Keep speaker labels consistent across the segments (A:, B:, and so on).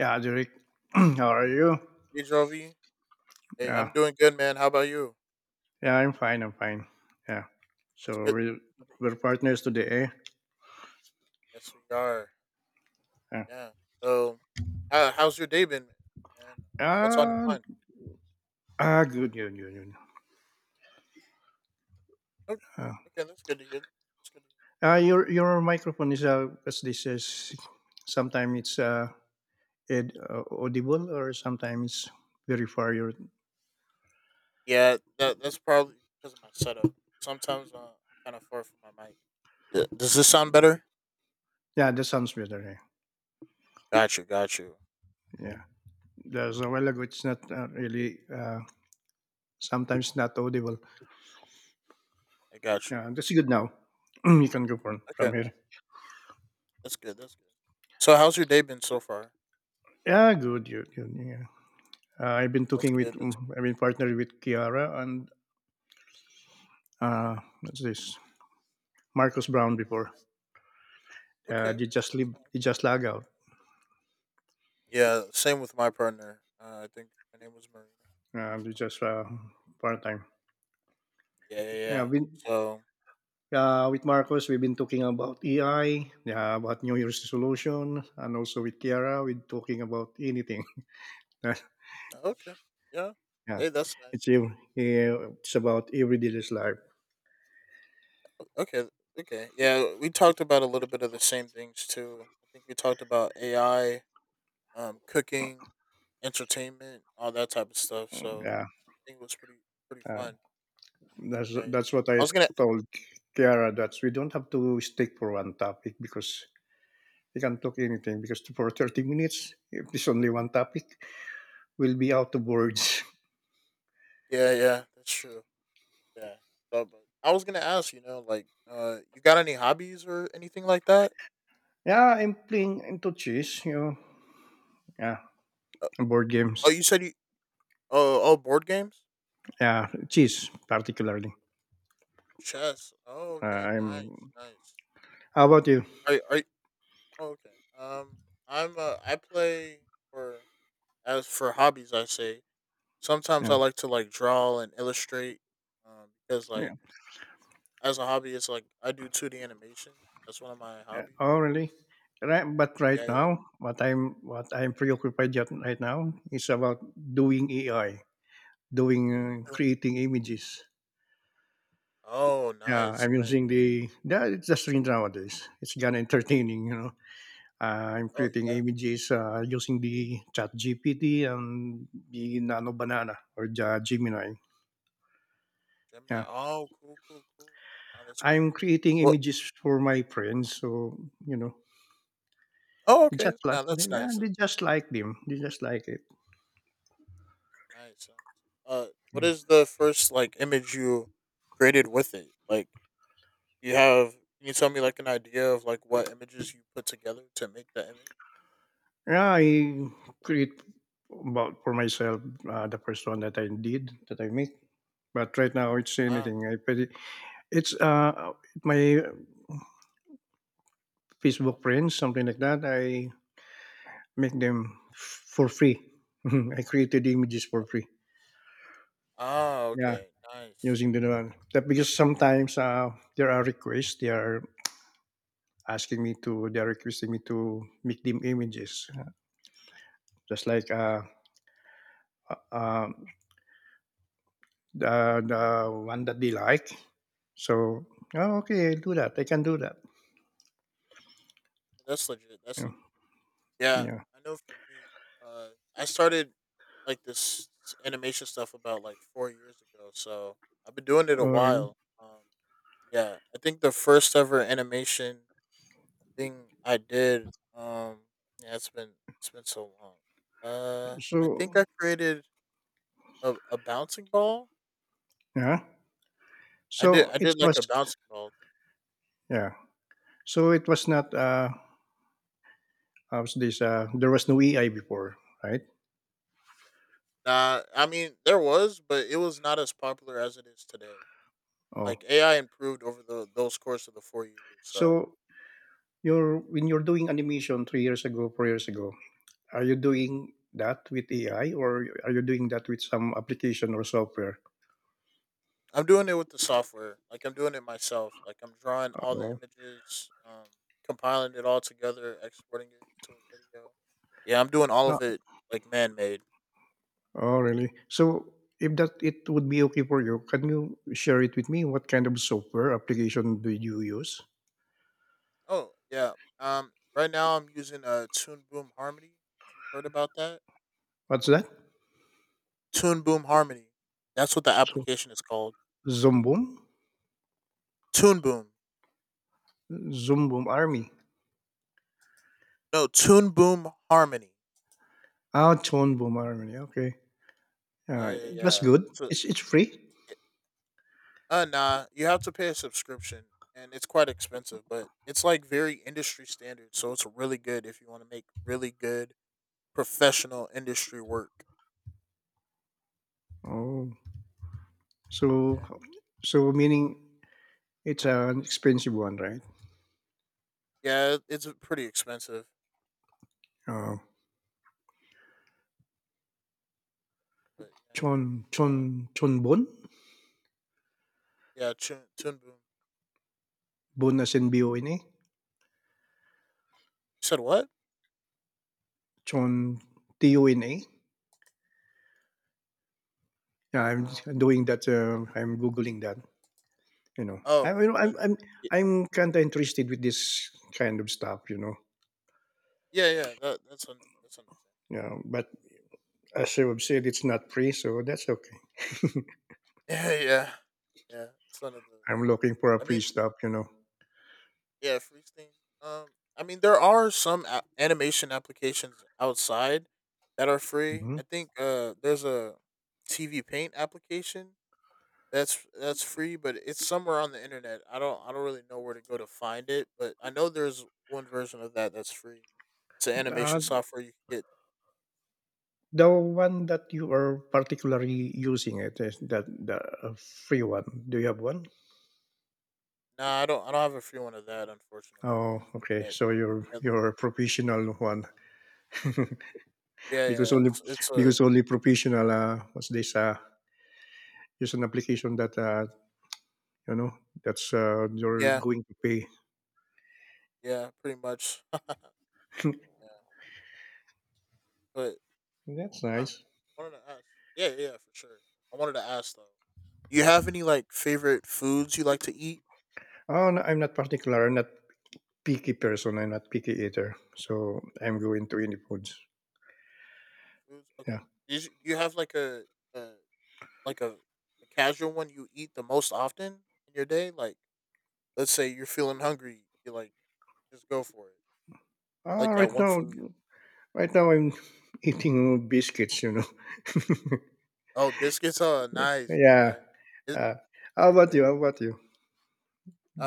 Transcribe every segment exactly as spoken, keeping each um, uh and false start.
A: Yeah, Derek, how are you?
B: Hey Jovi, hey,
A: Yeah,
B: I'm doing good, man. How about you?
A: yeah, I'm fine. I'm fine. Yeah.
B: It's
A: So
B: good.
A: we
B: Good to
A: we're
B: hear.
A: partners today. Eh?
B: Yes, we are.
A: Yeah.
B: Yeah. So, how, how's your day been, man? And Uh, what's on your
A: Ah,
B: mind?
A: ah, Good, good, good, good.
B: Oh,
A: Ah,
B: okay, that's good to hear. That's good. To
A: Ah, your your microphone is uh, as this is. Sometimes it's uh, it, uh, audible, or sometimes it's very far. Your
B: hear. Yeah, that that's probably because of my setup. Sometimes uh, I'm kind of far from my mic. Th- Does this sound better?
A: Yeah, that sounds better. Eh?
B: Got you. Got you.
A: Yeah, there's a while ago. It's not uh, really. Uh, sometimes not audible.
B: I got you.
A: Yeah, that's good now. You can go from
B: Okay,
A: from here.
B: that's good. That's good. So, how's your day been so far?
A: Yeah, good, good, good. Yeah. Uh, I've been
B: That's
A: talking with,
B: good. That's
A: mm,
B: good.
A: I've been partnered with Kiara and uh, what's this? Marcus Brown before.
B: Okay,
A: Uh,
B: okay,
A: they just
B: that's
A: leave. They
B: nice.
A: just lag out.
B: Yeah, same with my partner. Uh, I think her name was Marina. So,
A: Uh, they just uh, part time.
B: yeah, yeah,
A: Yeah,
B: yeah.
A: we,
B: So
A: uh, with Marcus, we've been talking about E I, yeah, about New Year's resolution, and also with Kiara, we're talking about anything. Yeah,
B: okay, yeah, hey, that's nice.
A: it's ev- eh, it's about everyday's life.
B: Okay, okay, yeah, we talked about a little bit of the same things too. I think we talked about A I, um, cooking, entertainment, all that type of stuff. So
A: Yeah,
B: I think it was pretty pretty
A: uh,
B: fun.
A: that's
B: Yeah, yeah.
A: that's what I
B: I was gonna.
A: told Kiara, that we don't have to stick for one topic, because you can talk anything, because for thirty minutes, if there's only one topic, we'll be out of words.
B: Yeah, yeah, that's true. Yeah. So, but I was gonna ask, you know, like, uh, you got any hobbies or anything like that?
A: Yeah, I'm playing into chess, you know. Yeah, board
B: Oh,
A: games.
B: you said you Oh, oh, board games,
A: Yeah, chess particularly.
B: chess. Oh,
A: Uh,
B: okay, nice,
A: I'm.
B: nice.
A: How about you?
B: Are are oh, okay. Um, I'm uh, I play for as for hobbies. I say sometimes
A: Yeah.
B: I like to like draw and illustrate, um, because like
A: Yeah.
B: as a hobby, it's like I do two D animation. That's one of my
A: Yeah.
B: hobbies.
A: Oh, really? Right, but
B: Yeah,
A: right
B: yeah,
A: now,
B: yeah.
A: what I'm what I'm preoccupied yet right now is about doing A I, doing uh, creating images.
B: Oh,
A: Yeah,
B: nice,
A: I'm
B: nice.
A: using the yeah, it's the trend nowadays. It's gonna entertaining, you know. Uh, I'm
B: Oh
A: creating
B: yeah,
A: images uh, using the ChatGPT and the Nano Banana or Ja- Gemini.
B: Gemini.
A: Yeah,
B: Oh, cool, cool, cool. Oh, that's cool.
A: I'm creating
B: Well,
A: images for my friends, so you know,
B: oh
A: they
B: okay.
A: just like
B: Now
A: they,
B: that's
A: yeah,
B: nice.
A: they just like them. They just like it.
B: Nice, nice. Uh, what is the first like image you created with it? Like, you have? Can you tell me like an idea of like what images you put together to make the image?
A: Yeah, I create about for myself uh, the first one that I did that I make. But right now, it's
B: Ah,
A: anything. I pwede, it's uh my Facebook friends, something like that. I make them f- for free. I created the images for free.
B: ah,
A: Yeah,
B: okay, nice.
A: using the one. That, because sometimes uh, there are requests. They are asking me to. They are requesting me to make them images, just like
B: Uh,
A: uh, uh, the the one that they like. So, oh, okay, I'll do that. I can do that.
B: That's legit. That's
A: Yeah,
B: legit. Yeah,
A: yeah.
B: I know. For me, uh, I started like this s- animation stuff about like four years ago, so I've been doing it a
A: Or
B: while. Um, yeah, I think the first ever animation thing I did. Um, yeah, it's been it's been so long. Uh, I think I
A: so,
B: created a, a bouncing ball.
A: yeah.
B: I did
A: So
B: I
A: it
B: did like
A: was
B: a bouncing ball thing.
A: yeah. So it was not uh, how's this? Uh, there was no A I before, right?
B: Nah, I mean there was, but it was not as popular as it is today.
A: Oh,
B: Like A I improved over the those course of the four years. So
A: so You're when you're doing animation three years ago, four years ago, are you doing that with A I or are you doing that with some application or software?
B: I'm doing it with the software. Like I'm doing it myself. Like I'm drawing all the
A: Oh,
B: images, um, compiling it all together, exporting it to a video. Yeah, I'm doing all of
A: ah,
B: it like man made.
A: oh really? So if that it would be okay for you, can you share it with me? What kind of software application do you use?
B: Oh yeah. Um, right now I'm using a Tune Boom Harmony. If you've heard about that,
A: What's that?
B: Tune Boom Harmony. That's what the
A: So,
B: application is called.
A: Zoom
B: Tune Boom.
A: Zoom Boom Army.
B: No, Tune Boom Harmony.
A: Ah, Tone Boom Army. Okay.
B: Yeah,
A: Ah,
B: yeah,
A: that's
B: yeah.
A: good.
B: So,
A: It's it's free.
B: it- uh, nah, you have to pay a subscription, and it's quite expensive, but it's like very industry standard. So it's really good if you want to make really good professional industry work.
A: Oh, so so meaning it's an expensive one, right?
B: Yeah, yeah. It's pretty expensive,
A: Ờ,
B: but yeah,
A: Chon
B: yeah. Um,
A: Chon Chonbon? Bon
B: yeah. Tune Tune Boom.
A: Bon as in B O N A?
B: You said what?
A: Chon T O N A? Yeah, I'm
B: Um,
A: doing that. uh, I'm Googling that, you know. I,
B: Oh,
A: you know,
B: yeah. That,
A: I'm, I'm,
B: y-
A: I'm kind of interested with this kind of stuff, you know.
B: yeah, yeah. That, that's under, that's understandable.
A: Yeah, but as you have said, it's not free, so that's okay.
B: Yeah, yeah. Yeah, it's one of the
A: I'm
B: yeah,
A: looking for a
B: I
A: free
B: mean,
A: stuff, you know.
B: yeah, freeze things. Um, I mean, there are some a- animation applications outside that are free.
A: Mhm.
B: I think uh, there's a T V Paint application that's that's free, but it's somewhere on the internet. I don't I don't really know where to go to find it, but I know there's one version of that that's free. It's an animation
A: Uh,
B: software you can get.
A: the one that you are particularly using it, is that the uh, free one? Do you have one?
B: Nah, I don't I don't have a free one of that, unfortunately.
A: Oh, okay.
B: That,
A: So you're
B: yeah,
A: you're a professional one.
B: Yeah,
A: Because
B: yeah,
A: only
B: it's it's a
A: because only professional uh, what's this uh is an application that uh you know that's uh you're
B: yeah,
A: going to pay.
B: yeah, pretty much. yeah, but
A: That's
B: I
A: nice.
B: wanted to ask. Yeah, yeah, yeah, for sure. I wanted to ask though. You have any like favorite foods you like to eat?
A: Oh no, I'm not particular. I'm not picky person. I'm not picky eater, so I'm going to any foods.
B: Foods? Okay.
A: Yeah.
B: Is, do you have like a, a like a, a casual one you eat the most often in your day? Like, let's say you're feeling hungry, you like just go for it. Like
A: Ah,
B: that
A: right
B: one
A: now
B: food.
A: right now I'm eating biscuits you know
B: Oh, biscuits. Oh, nice,
A: Yeah.
B: nice. It-
A: uh, how about
B: okay.
A: you? how about you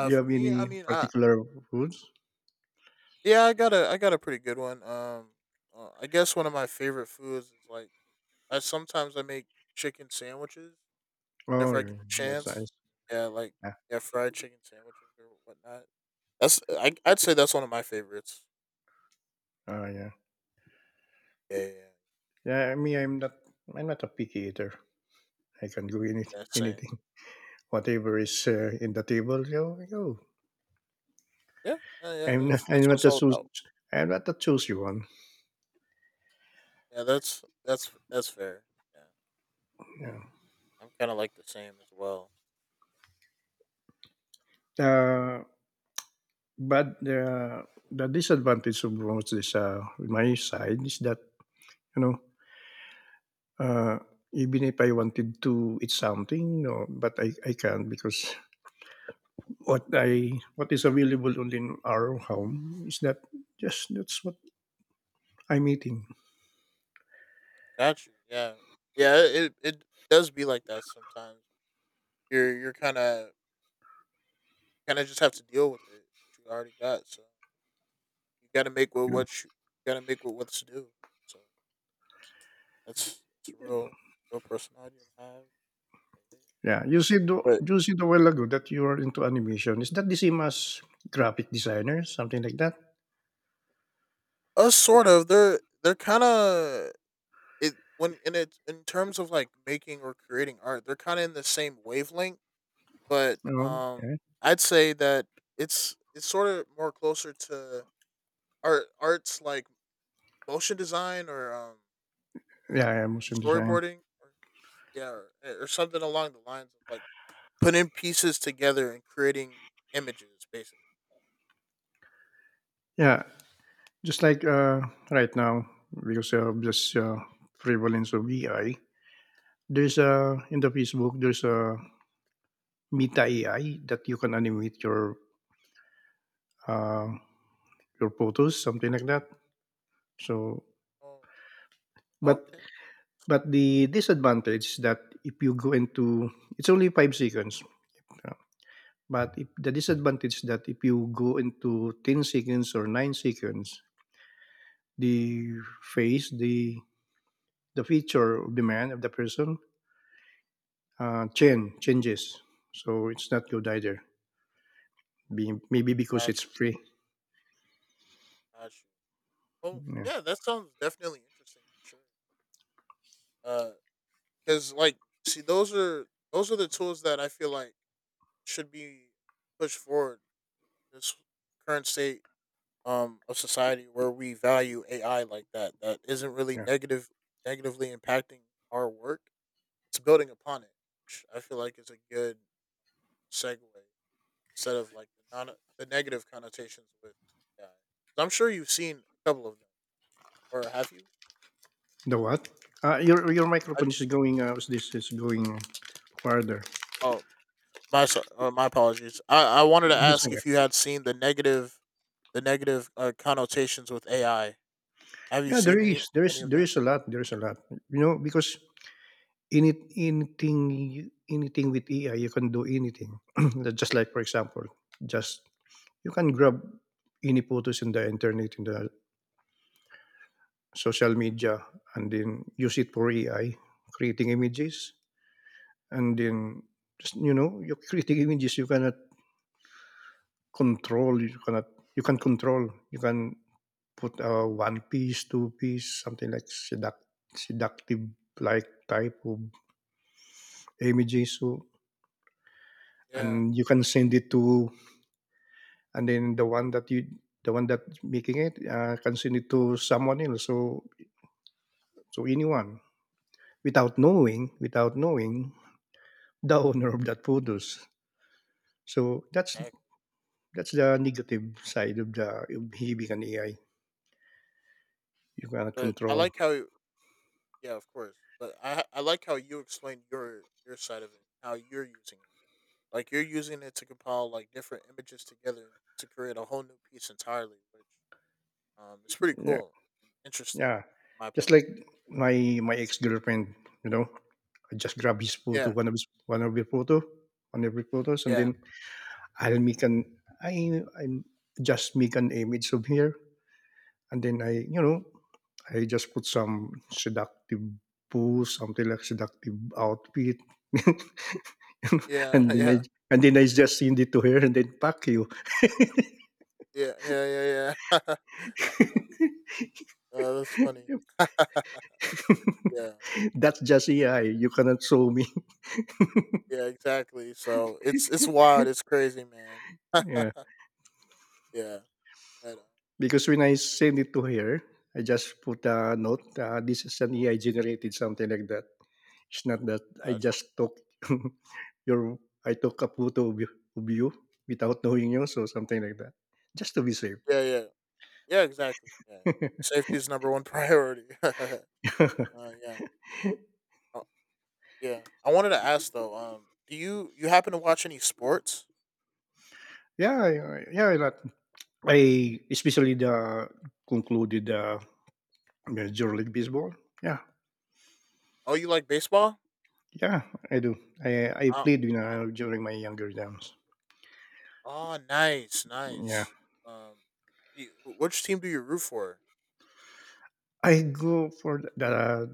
A: Do you
B: for
A: have
B: me, I
A: any
B: mean, I
A: particular foods?
B: Yeah, I got a I got a pretty good one. Um, uh, I guess one of my favorite foods is like I sometimes I make chicken sandwiches whenever
A: Oh
B: I
A: yeah,
B: get the
A: that's nice.
B: chance. Yeah, like
A: Yeah.
B: yeah, fried chicken sandwiches or whatnot. That's I I'd say that's one of my favorites.
A: Oh yeah.
B: Yeah, yeah, yeah.
A: Yeah, me, I'm not. I'm not a picky eater. I can do any,
B: Yeah, same.
A: anything, whatever is uh, in the table. Yo, yo.
B: Yeah, uh, yeah.
A: I'm not.
B: That's that's
A: I'm
B: what
A: not
B: it's
A: a
B: all
A: choose.
B: about.
A: I'm not a choosy one.
B: Yeah, that's that's that's fair. Yeah,
A: Yeah.
B: I'm kind of like the same as well.
A: Uh, but the the disadvantage of most is uh, my side is that you know uh, even if I wanted to eat something, no, but I, I can't because what I what is available only in our home is that just that's what I'm eating.
B: Got you. Yeah, yeah. It it does be like that sometimes. You're you're kind of kind of just have to deal with it. You already got, so you got to make with
A: Yeah.
B: what you, you got to make with what's due. So that's that's a real real personality to have. Yeah.
A: Yeah, you see the
B: But
A: you said a while ago that you are into animation. Is that the same as graphic designer, something like that?
B: us sort of they're they're kind of it when in it in terms of like making or creating art, they're kind of in the same wavelength. But
A: No.
B: um,
A: Yeah,
B: I'd say that it's it's sort of more closer to art arts like motion design or um uh,
A: yeah, yeah, motion design.
B: storyboarding. Yeah, or, or something along the lines of like putting pieces together and creating images, basically.
A: Yeah, just like uh, right now because of this uh, prevalence of A I, there's a in the Facebook there's a Meta A I that you can animate your uh, your photos, something like that. So,
B: Oh,
A: but
B: okay,
A: but the disadvantage is that if you go into it's only five seconds. But if the disadvantage that if you go into ten seconds or nine seconds, the face, the the feature of the man, of the person, uh, change, changes. So it's not good either. Be, maybe because
B: got
A: it's
B: you,
A: free.
B: got you. Well,
A: Yeah,
B: yeah, that sounds definitely interesting for sure. Because like, see, those are those are the tools that I feel like should be pushed forward in this current state um of society where we value A I like that that isn't really
A: yeah.
B: negative negatively impacting our work. It's building upon it. Which I feel like is a good segue instead of like the non the negative connotations with A I. 'Cause I'm sure you've seen a couple of them, or have you?
A: The what? Uh, your your
B: Have
A: microphone
B: you?
A: is going. Uh, this is going farther.
B: Oh, my so- uh, my apologies. I I wanted to ask
A: Listen,
B: if you had seen the negative the negative uh, connotations with A I. Have you
A: yeah, there
B: seen any
A: is, there is,
B: any of
A: there
B: them?
A: is a lot. There is a lot. You know, because Any anything you anything with A I, you can do anything. Just like for example, just you can grab any photos in the internet, in the social media, and then use it for A I, creating images, and then just you know, you're creating images you cannot control, you cannot you can control. You can put a one piece, two piece, something like seduct, seductive like type of images, so
B: Yeah,
A: and you can send it to, and then the one that you the one that making it uh, can send it to someone else, so so anyone, without knowing without knowing the owner of that produce. So that's
B: ac-
A: that's the negative side of the of having an AI. You cannot
B: but I
A: control.
B: like how you- yeah, of course. But I I like how you explain your your side of it, how you're using it. Like you're using it to compile like different images together to create a whole new piece entirely, which Um, it's pretty
A: Yeah,
B: cool and interesting
A: yeah,
B: from my point
A: just
B: of
A: like my my ex-girlfriend, you know I just grab his
B: view.
A: photo,
B: Yeah,
A: one of his, one of his photo one of his photos, and
B: yeah,
A: then i'll make an i i just make an image of her. And then I, you know, I just put some seductive booze, something like seductive outfit.
B: yeah,
A: and then
B: yeah,
A: I and then I just send it to her and then pack you.
B: yeah, yeah, yeah, yeah. Yeah, uh, that's funny. yeah,
A: That's just A I. You cannot show me.
B: yeah, exactly. So it's it's wild. It's crazy, man.
A: Yeah.
B: yeah, but, uh,
A: Because when I send it to her, I just put a note. Uh, this is an A I generated something like that. It's not that I
B: gotcha.
A: just took your I took a photo of you, of you without knowing you, so something like that. Just to be safe.
B: Yeah, yeah, yeah, exactly. Yeah, safety is number one priority. uh, yeah, oh, yeah. I wanted to ask though. Um, do you you happen to watch any sports?
A: Yeah, yeah, yeah, a lot. I especially the concluded uh, Major League Baseball. Yeah,
B: Oh, you like baseball?
A: yeah, I do. I I
B: I,
A: played you know during my younger times.
B: Oh, nice,
A: Yeah,
B: nice. Um, do you, which team do you root for?
A: I go for the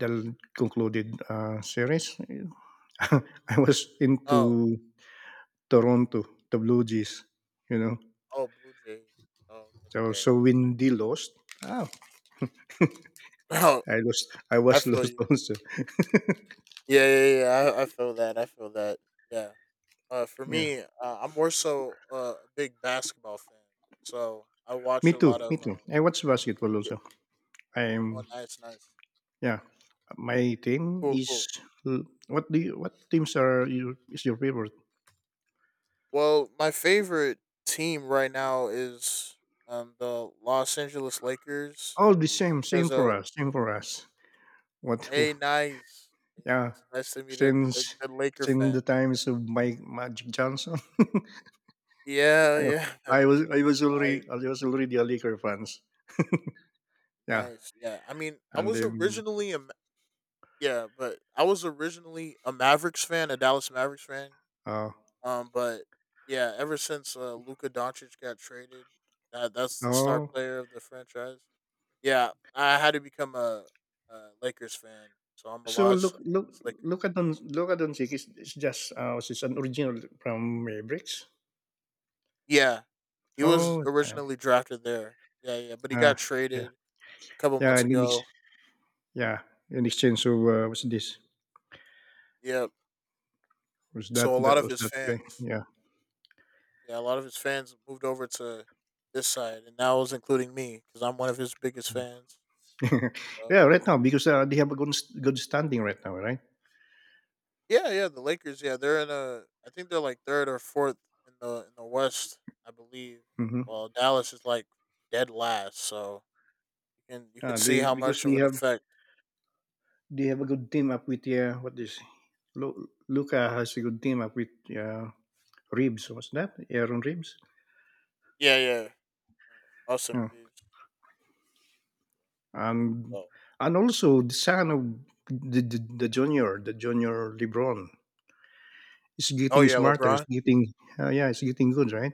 A: the concluded uh, series. I was
B: Oh,
A: into Toronto, the Blue Jays. You know,
B: oh, Blue Jays. Oh, that's
A: so
B: fair.
A: so when they lost, oh,
B: Oh,
A: I lost. I
B: I
A: was
B: feel
A: lost
B: you.
A: also.
B: Yeah, yeah, yeah. I, I feel that. I feel that. Yeah. Uh, for
A: Yeah,
B: me, uh, I'm more so uh, a big basketball fan. So I watch
A: me
B: a
A: too.
B: lot
A: Me
B: of. Uh,
A: too. I watch basketball
B: y-
A: also.
B: oh,
A: I'm
B: nice, nice.
A: yeah, my team
B: Cool,
A: is
B: cool.
A: l- what do you what teams are you is your favorite?
B: Well, my favorite team right now is um the Los Angeles Lakers
A: All the same, same
B: because
A: for
B: uh
A: us, same for us. What? Who-
B: Hey, nice.
A: Yeah,
B: It's nice to meet a, a
A: since
B: good Laker
A: since
B: fan.
A: the times of Mike Magic Johnson,
B: Yeah, yeah. I
A: I, I was
B: just-
A: I was
B: Nice,
A: already I was already a Laker fans. Yeah,
B: nice. Yeah. I mean, I
A: and
B: was
A: then
B: originally a Ma- yeah, but I was originally a Mavericks fan, a Dallas Mavericks fan.
A: uh
B: Um, but yeah, ever since uh, Luka Doncic got traded, that that's the star
A: oh,
B: player of the franchise. Yeah, I had to become a, a Lakers fan, so I'm a
A: so
B: Los
A: look look
B: Angeles Lakers
A: look at
B: fan.
A: Don look at Doncic. It's, it's just uh, it's an original from Mavericks.
B: Yeah, he was
A: Oh, okay.
B: originally drafted there. Yeah, yeah, but he
A: uh,
B: got
A: yeah,
B: traded a couple
A: yeah,
B: months
A: and then. Knicks.
B: ago.
A: Yeah, in exchange of, uh, what's this?
B: Yeah.
A: What's that?
B: So a lot
A: That
B: of
A: was
B: his
A: that guy.
B: fans,
A: Yeah.
B: yeah, a lot of his fans moved over to this side, and that was including me because I'm one of his biggest fans.
A: Yeah.
B: So
A: Right now, because uh, they have a good good standing right now, right?
B: yeah, yeah, the Lakers. Yeah, they're in a. I think they're like third or fourth in the in the West, I believe.
A: Mm-hmm.
B: Well, Dallas is like dead last, so you can you can
A: Uh,
B: see
A: they
B: how
A: because
B: much
A: they
B: of an
A: have
B: effect.
A: they have a good team up with uh, what is Lu- Luca has a good team up with uh, Ribs. What's that? Aaron Ribs.
B: Yeah, yeah. Austin
A: Yeah.
B: Reeves.
A: And
B: Oh,
A: and also the son of the, the, the junior, the junior LeBron, is
B: oh
A: getting
B: yeah,
A: smarter. Is
B: LeBron.
A: getting uh, yeah, it's getting good, right?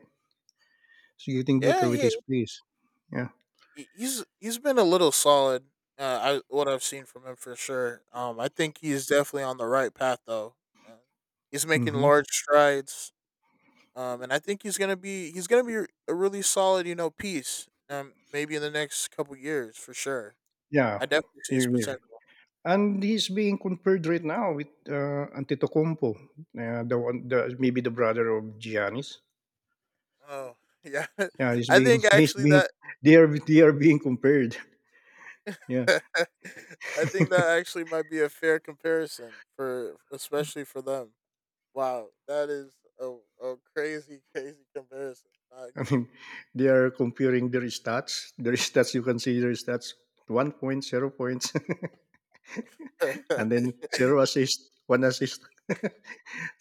A: It's getting
B: Yeah,
A: better with
B: he
A: his plays. Yeah.
B: he- he's he's been a little solid. Uh, I what I've seen from him for sure. Um, I think he's definitely on the right path though. Uh, he's making
A: Hmm.
B: large strides. Um, and I think he's gonna be he's gonna be a really solid you know piece. Um, maybe in the next couple years for sure. I
A: Yeah,
B: definitely see his
A: maybe, maybe.
B: potential.
A: And he's being compared right now with uh, Antetokounmpo, uh, the one, the maybe the brother of Giannis.
B: Oh yeah,
A: Yeah, he's
B: I
A: being
B: think
A: he's
B: actually
A: being
B: that
A: they are they are being compared. Yeah.
B: I think that actually might be a fair comparison for especially for them. Wow, that is a, a crazy, crazy comparison. Not
A: I mean, they are comparing their stats. Their stats, you can see their stats. One point, zero points,
B: gonna
A: and then
B: lie.
A: zero assist, one assist,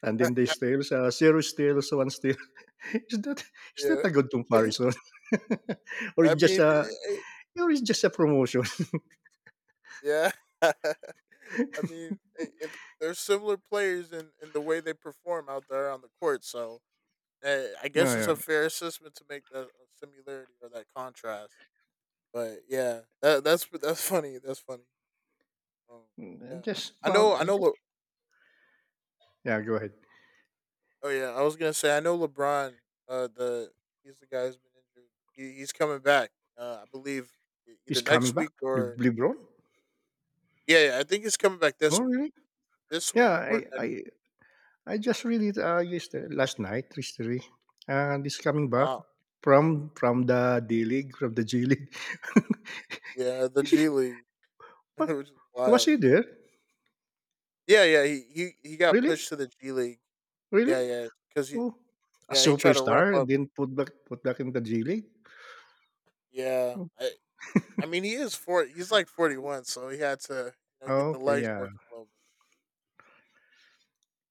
A: and then they steals uh, zero steals, one steal. Is that is that
B: yeah.
A: a good comparison? Or
B: I
A: just
B: mean,
A: a.
B: eh,
A: Or it's just a promotion.
B: yeah. I mean, eh, if there's similar players in, in the way they perform out there on the court, so eh, I
A: Yeah,
B: guess it's
A: yeah.
B: a fair assessment to make that similarity or that contrast. But yeah, that, that's that's funny. That's funny. Um,
A: Mm,
B: yeah,
A: just,
B: I
A: well,
B: know.
A: uh,
B: I
A: just,
B: know.
A: yeah. Go ahead.
B: Oh yeah, I was gonna say I know LeBron. Uh, the He's the guy who's been injured. He, he's coming back. Uh, I believe e- either
A: He's coming
B: next
A: back,
B: week
A: Le-
B: or
A: LeBron.
B: yeah, yeah, I think he's coming back
A: Oh,
B: this week.
A: really?
B: This
A: Yeah,
B: week or
A: I,
B: next
A: I,
B: week.
A: I just read it uh, yesterday, last night, yesterday. And he's coming back
B: Wow.
A: from from the D League, from the G League.
B: Yeah, the
A: Is
B: G
A: he-
B: League,
A: what?
B: which is
A: Was he
B: wild.
A: there?
B: Yeah, yeah. He he he got
A: Really?
B: pushed to the G League. Yeah,
A: Really?
B: yeah. Because he
A: Oh, a
B: Yeah, he tried to ramp
A: superstar and
B: up.
A: then put back put back in the G League.
B: Yeah, I I mean he is forty. He's like forty one, so he had to you know get
A: Oh,
B: the
A: okay,
B: legs
A: yeah.
B: working a little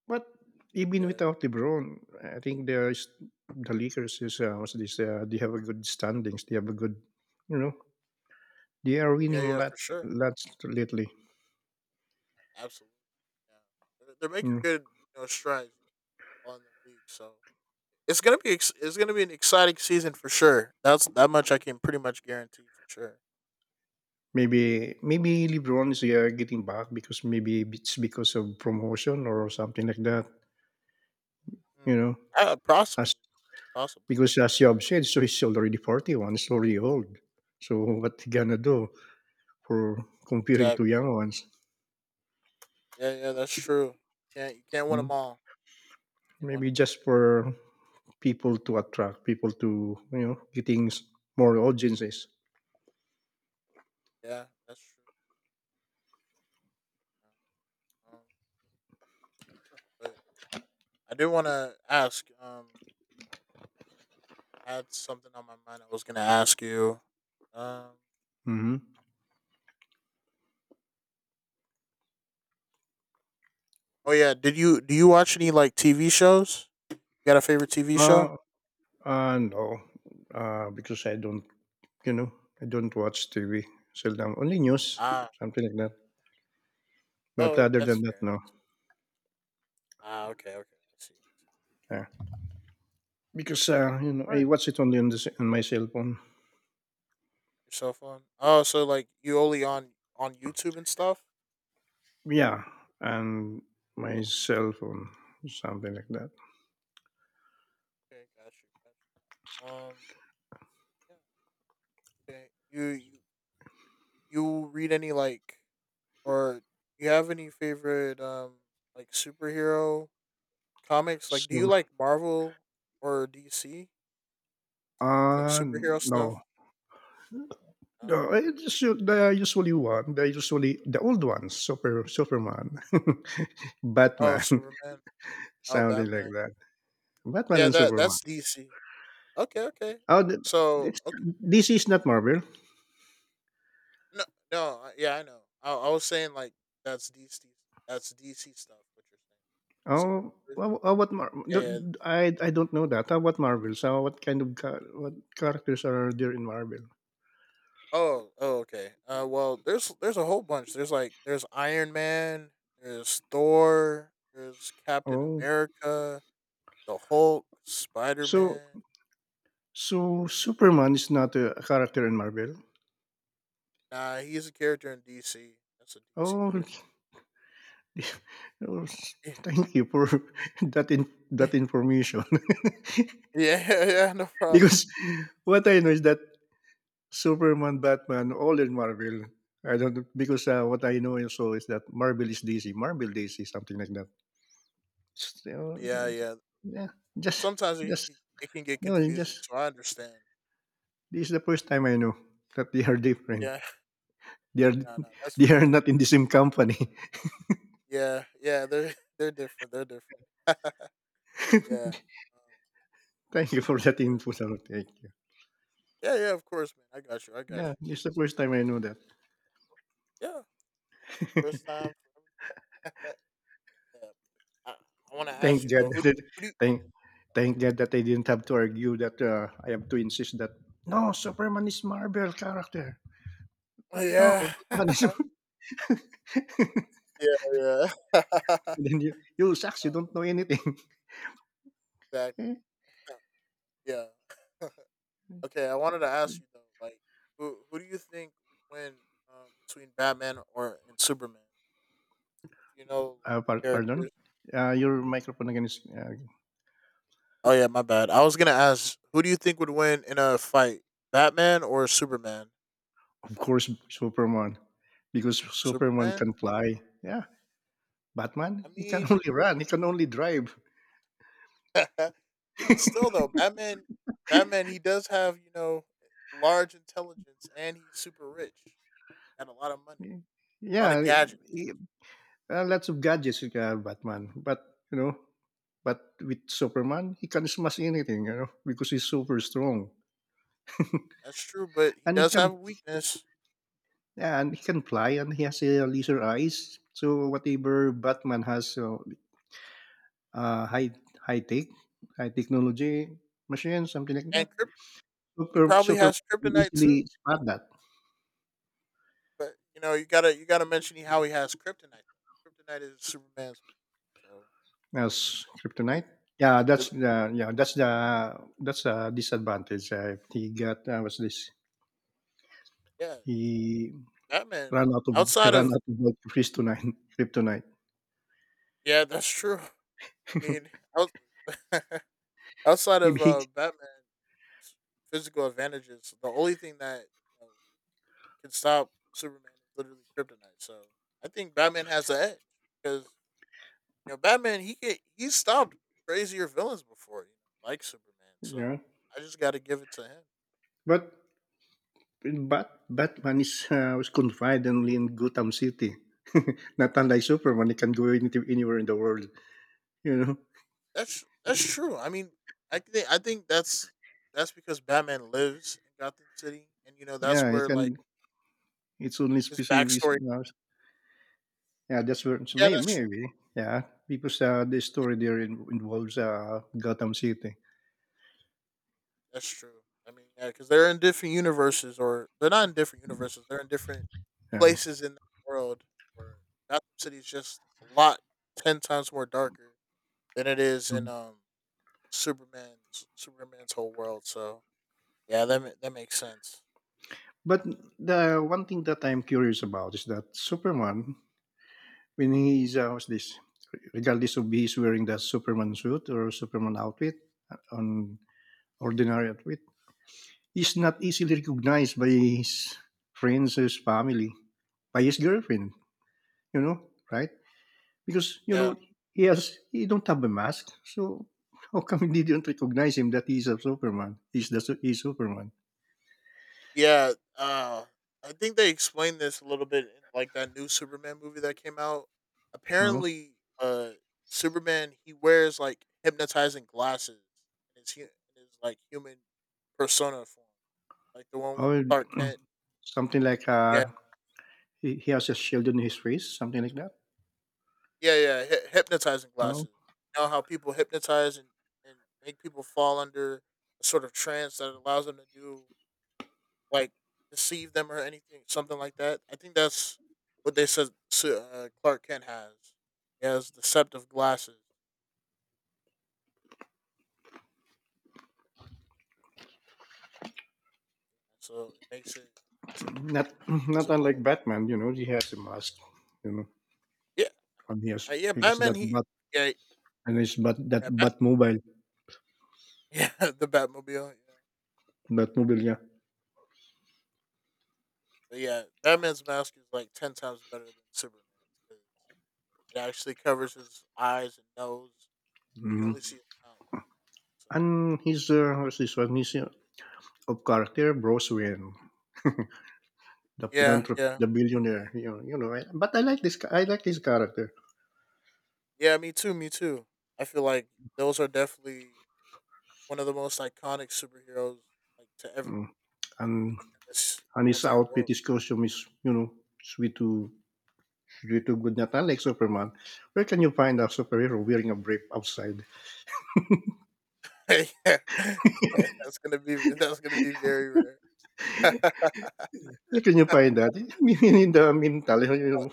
A: But even
B: bit.
A: without LeBron, I think there's the Lakers is uh, what's this? Uh, they have a good standings. They have a good, you know, they are
B: Yeah,
A: winning
B: yeah,
A: a
B: yeah,
A: lot,
B: for sure.
A: lots lately.
B: Absolutely. Yeah. They're, they're making
A: Mm.
B: good, you know, strides on the league, so it's gonna be ex- it's gonna be an exciting season for sure. That's that much I can pretty much guarantee for sure.
A: Maybe maybe LeBron is uh, getting back because maybe it's because of promotion or something like that.
B: Mm.
A: You know,
B: Uh,
A: as
B: possibly, possibly.
A: Because as you have said, so he's already forty one. He's already old. So what he gonna do for comparing to
B: Exactly.
A: young ones?
B: Yeah, yeah, that's true. Yeah, you can't win
A: Mm?
B: them all. You can't win
A: Maybe
B: them all.
A: just for people to attract people to you know getting s- more audiences.
B: Yeah, that's true. Yeah. Um, but I do want to ask. Um, I had something on my mind. I was gonna ask you. Um.
A: Hmm.
B: Oh yeah. Did you do you watch any like T V shows? You got a favorite T V show?
A: Uh, uh, no, uh, because I don't you know I don't watch T V. Seldom only news
B: Ah,
A: something like that. But
B: oh,
A: other
B: that's
A: than that,
B: fair.
A: no.
B: That's ah, okay, okay. I see. I see.
A: Yeah. Because uh, you know
B: All
A: I
B: right,
A: watch it only on the s- on my cell phone.
B: your cell phone. Oh, so like you only on on YouTube and stuff.
A: Yeah, and my cell phone something like that.
B: Okay, got you. Got you. Um, yeah. Okay. You you you read any like or you have any favorite um like superhero comics? Like, do you
A: So
B: like Marvel or D C? Like
A: uh
B: superhero
A: no
B: stuff? Um,
A: No, I just u- the usually one, the usually the old ones, Super Superman,
B: oh,
A: Batman,
B: Superman. Oh,
A: something like
B: Batman.
A: that. Batman
B: Yeah,
A: and
B: that
A: Superman.
B: that's D C. Okay, okay.
A: Oh, th-
B: So
A: it's,
B: okay.
A: this is not Marvel.
B: No, no, yeah, I know. I, I was saying like that's D C, that's D C stuff. What you're saying, D C
A: Oh,
B: universe.
A: wha- wha- what? Mar- no,
B: And
A: I I don't know that. Oh, what Marvel? So what kind of char- what characters are there in Marvel?
B: oh, oh, okay. Uh, well, there's there's a whole bunch. There's like there's Iron Man, there's Thor, there's Captain
A: Oh,
B: America, the Hulk, Spider
A: so
B: Man.
A: so Superman is not a character in Marvel.
B: Nah, he's a character in D C. That's a D C
A: Oh,
B: character.
A: oh, thank you for that in
B: Yeah,
A: that information.
B: yeah, yeah. No problem.
A: Because what I know is that Superman, Batman, all in Marvel. I don't because uh, what I know also is that Marvel is D C, Marvel D C, something like that. Just,
B: Yeah, yeah.
A: yeah, just,
B: Sometimes it can
A: just,
B: get, it can get
A: no,
B: confusing,
A: just.
B: so I understand.
A: This is the first time I know that they are different.
B: Yeah.
A: They are,
B: No, no, that's
A: they
B: fair.
A: are not in the same company.
B: Yeah, yeah, they're they're different. They're different. yeah. Um,
A: Thank you for that
B: sure.
A: info. Sir. Thank you.
B: Yeah, yeah, of course, man. I got you. I got
A: Yeah,
B: you.
A: this is the first time I know that.
B: Yeah, yeah, first time for everything. yeah. I, I want to ask
A: Thank
B: you
A: God
B: though. Who
A: that
B: do
A: it,
B: you?
A: thank Thank God that I didn't have to argue that uh, I have to insist that no Superman is Marvel character,
B: Who do
A: but
B: you
A: no
B: yeah.
A: Batman is.
B: yeah. Yeah.
A: then You you sucks. You
B: Uh,
A: don't know anything.
B: exactly.
A: uh,
B: Uh, Yeah. okay. I wanted to ask you though. Like, who who do you think would win um, between Batman or and Superman? If you know
A: par- Pardon.
B: characters.
A: Uh, your microphone again is uh,
B: Oh yeah, my bad. I was gonna ask, who do you think would win in a fight, Batman or Superman?
A: of course Superman because Superman
B: Superman?
A: can fly. Yeah, Batman
B: I
A: he can
B: mean,
A: only run. He can only drive.
B: even still though, Batman, Batman, he does have, you know, large intelligence and he's super rich and a lot of money, a lot of
A: Yeah,
B: gadgets.
A: he- uh, lots of gadgets. Uh, Batman, but you know but with Superman, he can smash anything, you know, because he's super strong.
B: That's true, but he
A: and he
B: does have
A: can
B: a weakness
A: Yeah, and he can fly and he has uh, laser eyes. So whatever Batman has so, uh, high high tech, high technology machine, something like
B: and
A: that.
B: kryp- he
A: Super
B: probably has
A: Superman can
B: kryptonite too.
A: easily spot that
B: But you know, you gotta you gotta mention how he has kryptonite. Kryptonite is Superman's weakness, so
A: as
B: it,
A: kryptonite. Yeah,
B: it, it,
A: that's the yeah, that's the that's a disadvantage. Uh, he got uh, what's this?
B: yeah.
A: He
B: Batman.
A: ran out of he
B: Outside
A: ran
B: of
A: out of kryptonite kryptonite.
B: yeah, that's true. I mean, out, outside
A: He,
B: of
A: he
B: uh, Batman's physical advantages, the only thing that, you know, can stop Superman is literally kryptonite. So I think Batman has the edge because you know Batman he can he stopped crazier villains before, you know, like Superman. So
A: Yeah.
B: I just got to give it to him.
A: But but Batman is uh, was confined only in Gotham City. Not unlike Superman, he can go anything, anywhere in the world. You know,
B: That's that's true. I mean, I think I think that's that's because Batman lives in Gotham City, and you know that's
A: yeah, he
B: where like
A: can. It's only
B: his
A: specific.
B: backstory.
A: Uh, yeah, that's where so
B: Yeah,
A: maybe,
B: that's tr-
A: maybe yeah, because uh, the story there in, involves uh, Gotham City.
B: that's true. I mean, yeah, because they're in different universes, or they're not in different universes. They're in different
A: Yeah,
B: places in the world. Where Gotham City is just a lot ten times more darker than it is in
A: Mm.
B: um Superman's Superman's whole world. So yeah, that ma- that makes sense.
A: But the one thing that I'm curious about is that Superman, when he's uh, what's this, regardless of he's wearing the Superman suit or Superman outfit, uh, on ordinary outfit is not easily recognized by his friends, his family, by his girlfriend, you know, right? Because, you
B: Yeah,
A: know, he has, he don't have a mask. So how come they don't recognize him that he's a Superman? He's the, su- he's Superman,
B: Yeah, uh, I think they explained this a little bit in like that new Superman movie that came out.
A: no?
B: Apparently, uh, Superman he wears like hypnotizing glasses in his hu- in his like human persona form, like the one with
A: Or
B: Clark Kent.
A: something like, uh,
B: Yeah,
A: he, he has a shield on his face, something like that.
B: yeah, yeah, hy- hypnotizing
A: No,
B: glasses. You know how people hypnotize and and make people fall under a sort of trance that allows them to do like deceive them or anything, something like that. I think that's what they said. Su- Uh, Clark Kent has he has deceptive glasses, so it makes it makes him
A: not not unlike
B: visible.
A: Batman, you know, he has a mask, you know,
B: Yeah,
A: and he has
B: uh, yeah,
A: he has
B: Batman.
A: that
B: He
A: bat
B: yeah
A: and his bat that
B: yeah Bat-
A: bat mobile,
B: yeah, the Batmobile. Yeah,
A: bat mobile, yeah.
B: but yeah, Batman's mask is like ten times better than Superman's because it actually covers his eyes and nose. You can
A: Mm-hmm.
B: only see his mouth. So
A: And he's uh, what's this one? He's uh, of character Bruce Wayne, the
B: yeah,
A: philanthropist,
B: yeah,
A: the billionaire. You know, you know. I- But I like this. ca- I like his character.
B: yeah. Me too. Me too. I feel like those are definitely one of the most iconic superheroes like to ever be
A: Mm. And
B: in this
A: and
B: whole
A: his
B: entire
A: outfit,
B: world.
A: his costume is you know sweet to sweet to good. Not unlike Superman. Where can you find a superhero wearing a brief outside?
B: yeah, yeah, that's gonna be that's gonna be very rare.
A: Where can you find that? I mean, in the mental, you know,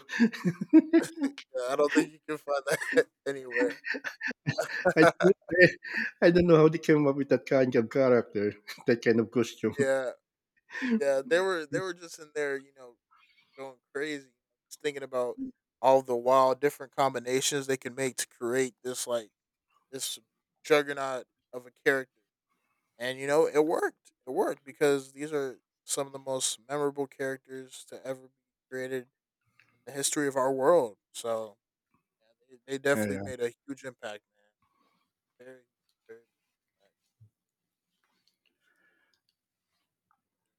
B: Yeah, I don't think you can find that anywhere.
A: I don't know, I don't know how they came up with that kind of character, that kind of costume.
B: Yeah, yeah, they were they were just in there, you know, going crazy, just thinking about all the wild different combinations they can make to create this like this juggernaut of a character. And you know, it worked. It worked because these are some of the most memorable characters to ever be created in the history of our world. So yeah, they, they
A: Yeah,
B: definitely
A: yeah.
B: made a huge impact, man. Very, very big impact.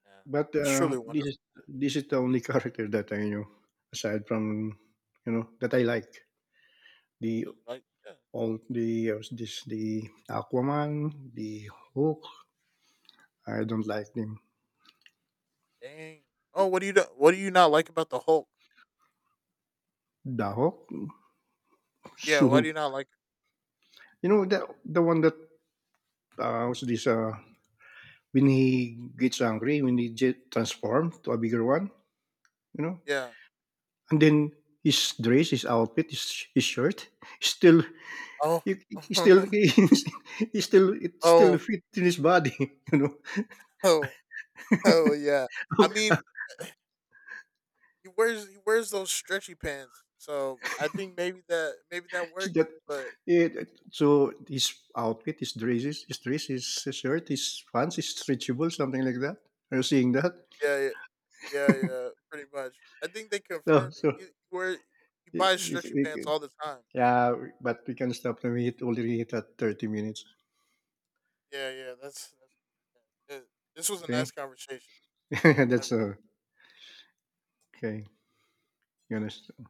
B: Yeah,
A: But
B: it's truly
A: uh, this
B: wonderful,
A: is
B: man.
A: this is the only character that I knew, aside from you know that I like the
B: And you're like, yeah,
A: all the uh, this the Aquaman, the Hulk. I don't like him.
B: dang. Oh, what do you do? What do you not like about the Hulk?
A: The Hulk,
B: Yeah, why do
A: so
B: you not like?
A: you know the the one that uh, was this uh, when he gets angry when he get transformed to a bigger one, you know,
B: Yeah.
A: and then his dress, his outfit, his, his shirt, still
B: Oh,
A: he, he still he still it still
B: oh,
A: fit in his body, you know
B: oh, oh, yeah. I mean, he wears he wears those stretchy pants. So I think maybe that maybe that works.
A: that
B: But
A: it, so his outfit, his dresses, his dress, his shirt, his pants, is stretchable, something like that. Are you seeing that?
B: yeah, yeah, yeah, yeah pretty much. I think they
A: So,
B: confirmed it.
A: so
B: He, he wear he
A: y-
B: buys
A: y-
B: stretchy
A: y-
B: pants
A: y-
B: all the time.
A: yeah, but we can stop the meet already at thirty minutes.
B: Yeah, yeah. That's, that's Yeah. This was a
A: Okay,
B: nice conversation. I
A: that's uh, okay. You understand?
B: appreciate